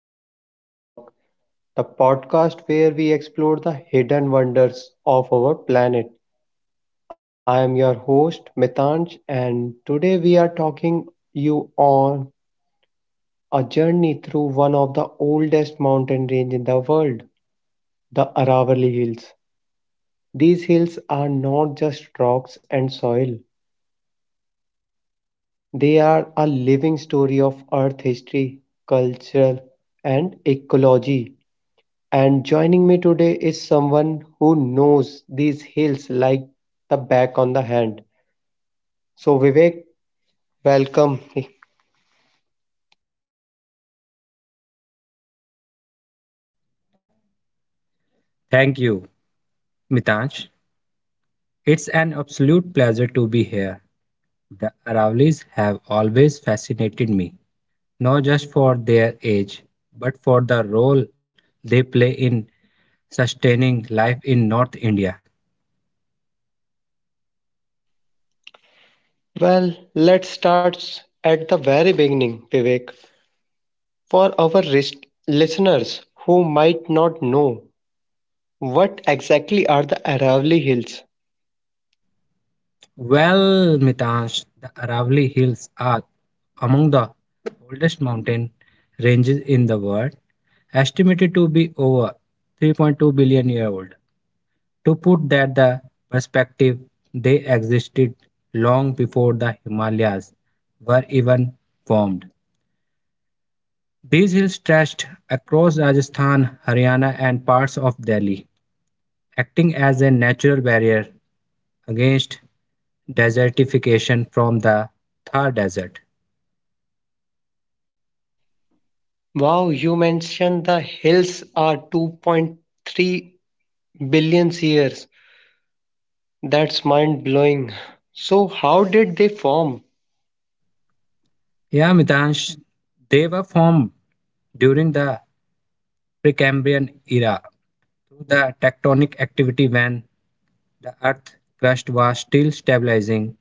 to the Nature Talk, the podcast where we explore the hidden wonders of our planet. I am your host, Mitanj, and today we are talking you on a journey through one of the oldest mountain range in the world, the Aravalli Hills. These hills are not just rocks and soil. They are a living story of earth history, culture, and ecology. And joining me today is someone who knows these hills like the back on the hand. So, Vivek, welcome. Thank you, Mitansh. It's an absolute pleasure to be here. The Aravallis have always fascinated me, not just for their age, but for the role they play in sustaining life in North India. Well, let's start at the very beginning, Vivek. For our listeners who might not know, what exactly are the Aravalli Hills? Well, Mitansh, the Aravalli Hills are among the oldest mountain ranges in the world, estimated to be over 3.2 billion year old. To put that the perspective, they existed long before the Himalayas were even formed. These hills stretched across Rajasthan, Haryana, and parts of Delhi, acting as a natural barrier against desertification from the Thar Desert. Wow, you mentioned the hills are 2.3 billion years. That's mind blowing. So, how did they form? Yeah, Mitansh, they were formed during the Precambrian era through the tectonic activity when the earth crust was still stabilizing,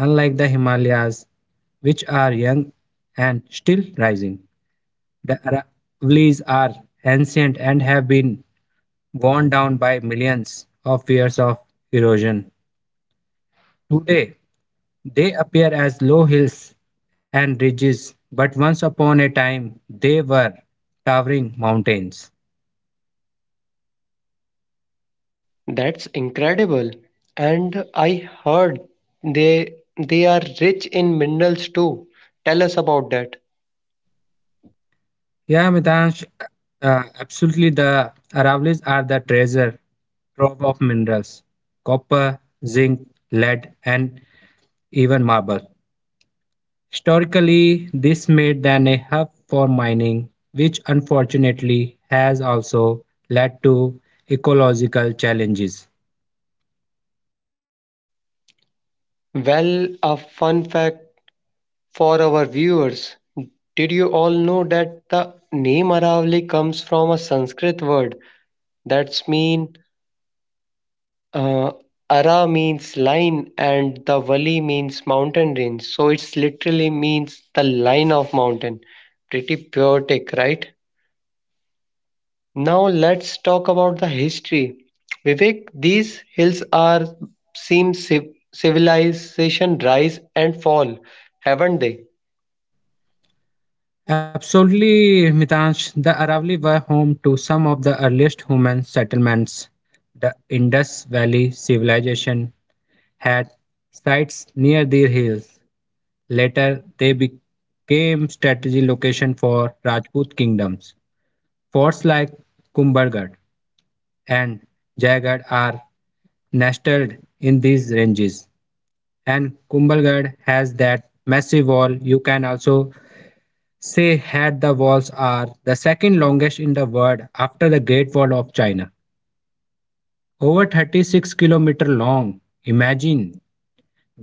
unlike the Himalayas, which are young and still rising. The Aravallis are ancient and have been worn down by millions of years of erosion. Today, they appear as low hills and ridges, but once upon a time they were towering mountains. That's incredible. And I heard they are rich in minerals too. Tell us about that. Yeah, Mitansh, absolutely. The Aravallis are the treasure trove of minerals copper, zinc, lead, and even marble. Historically, this made them a hub for mining, which unfortunately has also led to ecological challenges. Well, a fun fact for our viewers. Did you all know that the name Aravalli comes from a Sanskrit word that's mean uh, Ara means line and the Vali means mountain range? So it's literally means the line of mountain. Pretty poetic, right? Now let's talk about the history. Vivek, these hills are seem civilization rise and fall, haven't they? Absolutely, Mitansh. The Aravalli were home to some of the earliest human settlements. The Indus Valley civilization had sites near these hills. Later, they became strategic location for Rajput kingdoms. Forts like Kumbhargarh and Jaigarh are nestled in these ranges. And Kumbhalgarh has that massive wall. You can also say had the walls are the second longest in the world after the Great Wall of China. Over 36-kilometer long. Imagine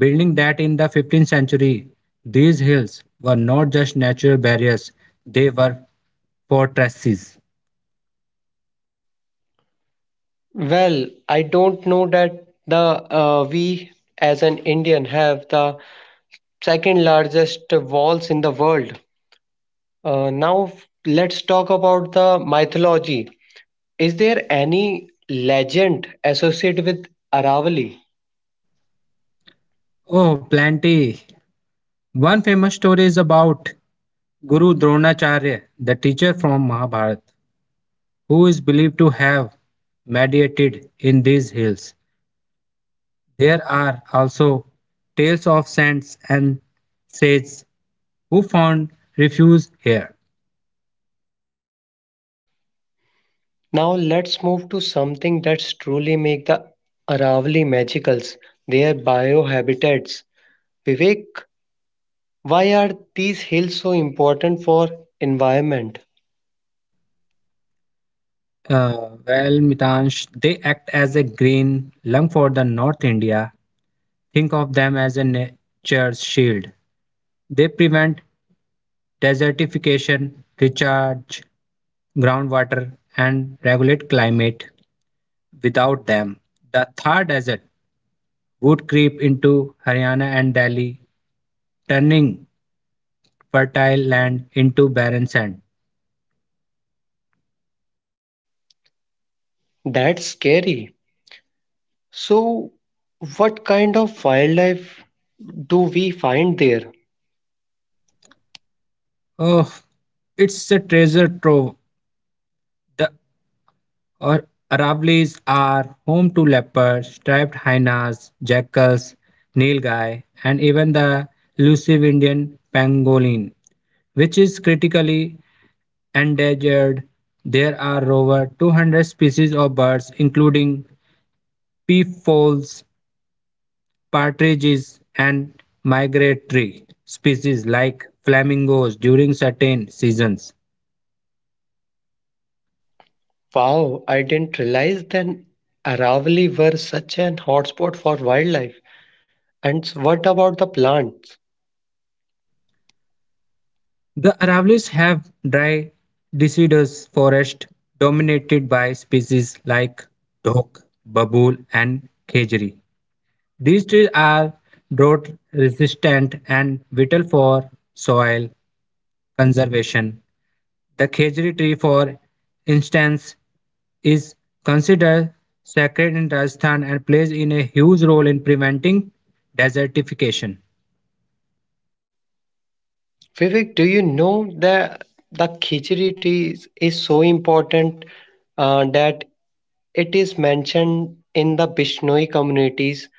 building that in the 15th century. These hills were not just natural barriers, they were fortresses. Well, I don't know that the we as an Indian have the second largest walls in the world. Now f- let's talk about the mythology. Is there any legend associated with Aravali? Oh, plenty. One famous story is about Guru Dronacharya, the teacher from Mahabharata, who is believed to have meditated in these hills. There are also tales of saints and sages who found refuge here. Now let's move to something that's truly make the Aravali magicals, their biohabitats. Vivek, why are these hills so important for environment? Well, Mitansh, they act as a green lung for the North India. Think of them as a nature's shield. They prevent desertification, recharge groundwater, and regulate climate. Without them, the Thar Desert would creep into Haryana and Delhi, turning fertile land into barren sand. That's scary. So what kind of wildlife do we find there? Oh, it's a treasure trove. The Aravallis are home to leopards, striped hyenas, jackals, nilgai, and even the elusive Indian pangolin, which is critically endangered. There are over 200 species of birds, including peafowls, partridges, and migratory species like flamingos during certain seasons. Wow, I didn't realize that Aravali were such an hotspot for wildlife. And what about the plants? The Aravallis have dry deciduous forest dominated by species like dhok, babool, and khejri. These trees are drought resistant and vital for soil conservation. The khejri tree, for instance, is considered sacred in Rajasthan and plays in a huge role in preventing desertification. Vivek, do you know that the khichdi tea is so important, that it is mentioned in the Bishnoi community's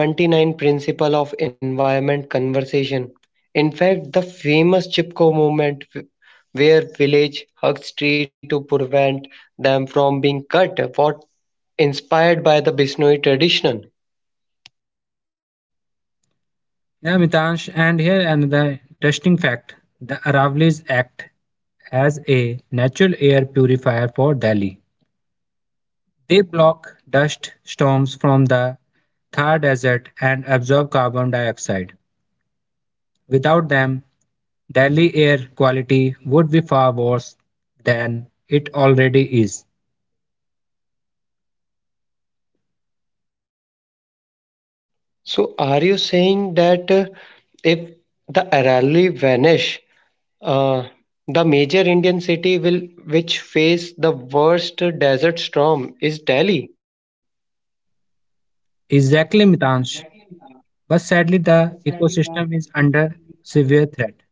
29 principle of environment conversation? In fact, the famous Chipko movement where village hugs tree to prevent them from being cut was inspired by the Bishnoi tradition. Yeah, Mitansh, and here another interesting fact. The Aravallis act as a natural air purifier for Delhi. They block dust storms from the Thar Desert and absorb carbon dioxide. Without them, Delhi air quality would be far worse than it already is. So, are you saying that, if the Aravalli vanish, uh, the major Indian city will which face the worst desert storm is Delhi? Exactly, Mitansh. But sadly, the ecosystem is under severe threat.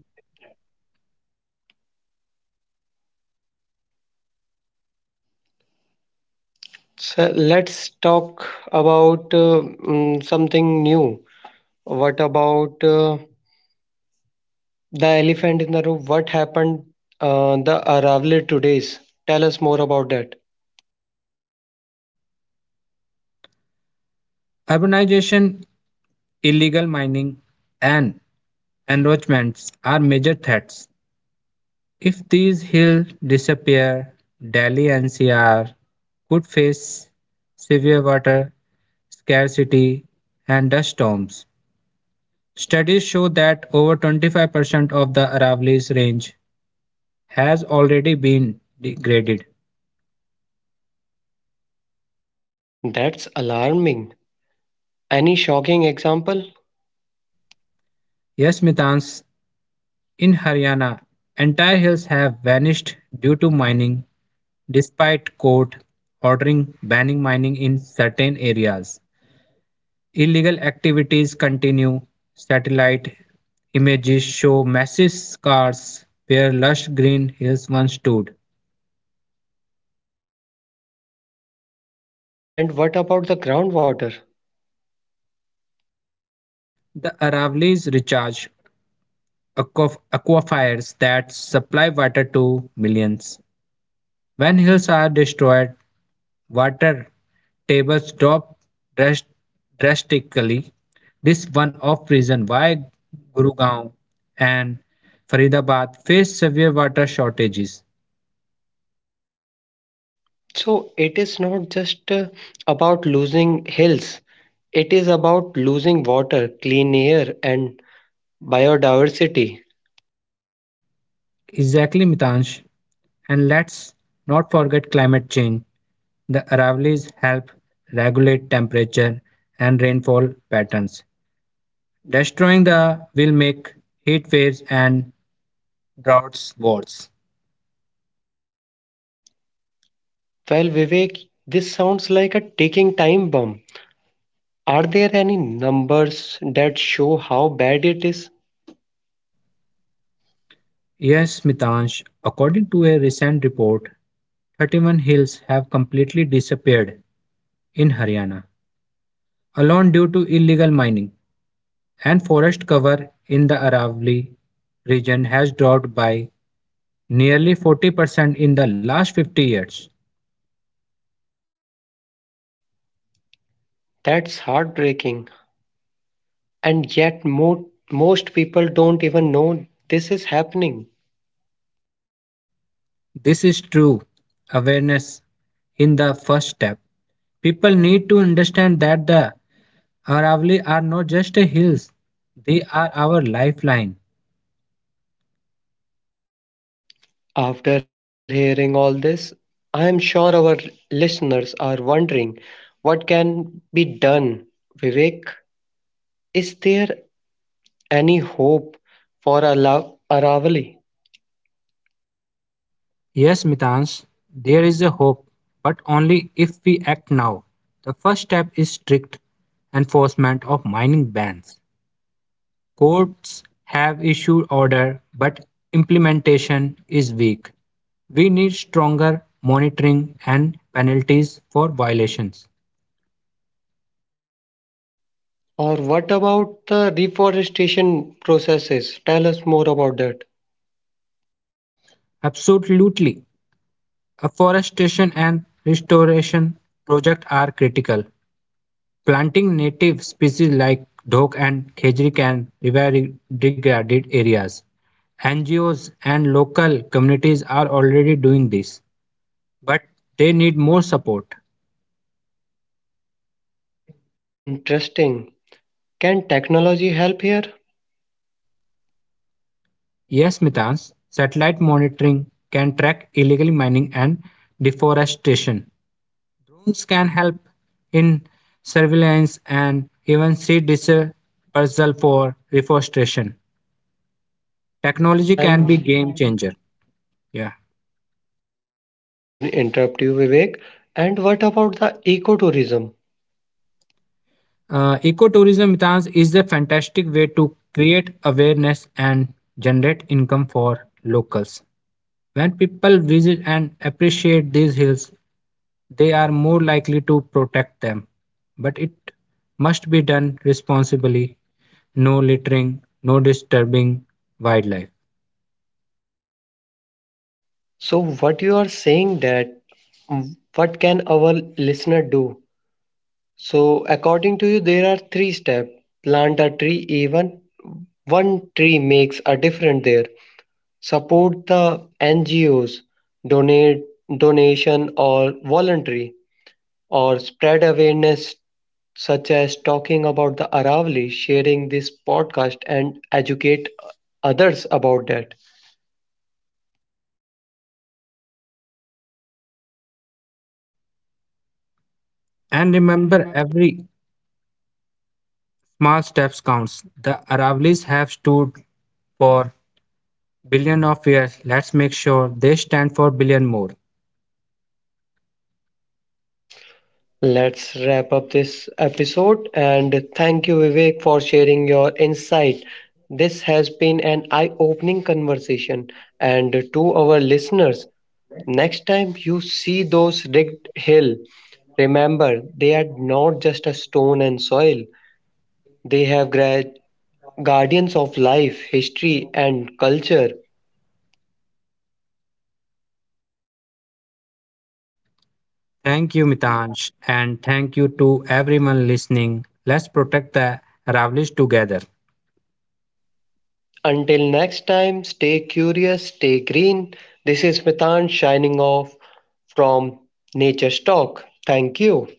So let's talk about, something new. What about, the elephant in the room? What happened, the Aravalli today's? Tell us more about that. Urbanization, illegal mining, and encroachments are major threats. If these hills disappear, Delhi NCR could face severe water scarcity and dust storms. Studies show that over 25% of the Aravalli's range has already been degraded. That's alarming. Any shocking example? Yes, Mitans, in Haryana, entire hills have vanished due to mining, despite court ordering banning mining in certain areas. Illegal activities continue. Satellite images show massive scars where lush green hills once stood. And what about the groundwater? The Aravallis recharge aquifers that supply water to millions. When hills are destroyed, water tables drop drastically. This is one of reason why Gurugram and Faridabad face severe water shortages. So it is not just, about losing hills, it is about losing water, clean air, and biodiversity. Exactly, Mitansh. And let's not forget climate change. The Aravallis help regulate temperature and rainfall patterns. Destroying the will make heat waves and droughts worse. Well, Vivek, this sounds like a ticking time bomb. Are there any numbers that show how bad it is? Yes, Mitansh, according to a recent report, 31 hills have completely disappeared in Haryana, alone due to illegal mining, and forest cover in the Aravalli region has dropped by nearly 40% in the last 50 years. That's heartbreaking. And yet, most people don't even know this is happening. This is true awareness in the first step. People need to understand that the Aravalli are not just hills, they are our lifeline. After hearing all this, I am sure our listeners are wondering what can be done. Vivek, is there any hope for Aravali? Yes, Mitans, there is a hope, but only if we act now. The first step is strict enforcement of mining bans. Courts have issued order, but implementation is weak. We need stronger monitoring and penalties for violations. Or what about the reforestation processes? Tell us more about that. Absolutely. Afforestation and restoration projects are critical. Planting native species like dhok and khejri can revive degraded areas. NGOs and local communities are already doing this, but they need more support. Interesting. Can technology help here? Yes, Mitans, satellite monitoring can track illegal mining and deforestation. Drones can help in surveillance and even seed dispersal for reforestation. Technology And can be game changer. Yeah. sorry to interrupt you, Vivek. And what about the ecotourism? Ecotourism, Mitans, is a fantastic way to create awareness and generate income for locals. When people visit and appreciate these hills, they are more likely to protect them. But it must be done responsibly no littering, no disturbing wildlife. So what you are saying that, what can our listener do? So according to you, there are three steps. Plant a tree, even one tree makes a difference there. Support the NGOs, donate donation or voluntary, or spread awareness such as talking about the Aravali, sharing this podcast and educate others about that. And remember, every small step counts. The Aravallis have stood for billion of years. Let's make sure they stand for billion more. Let's wrap up this episode and thank you, Vivek, for sharing your insight. This has been an eye opening conversation, and to our listeners, next time you see those rigged hill, remember they are not just a stone and soil, they have guardians of life, history, and culture. Thank you, Mitansh, and thank you to everyone listening. Let's protect the Aravallis together. Until next time, stay curious, stay green. This is Mithant shining off from Nature's Talk. Thank you.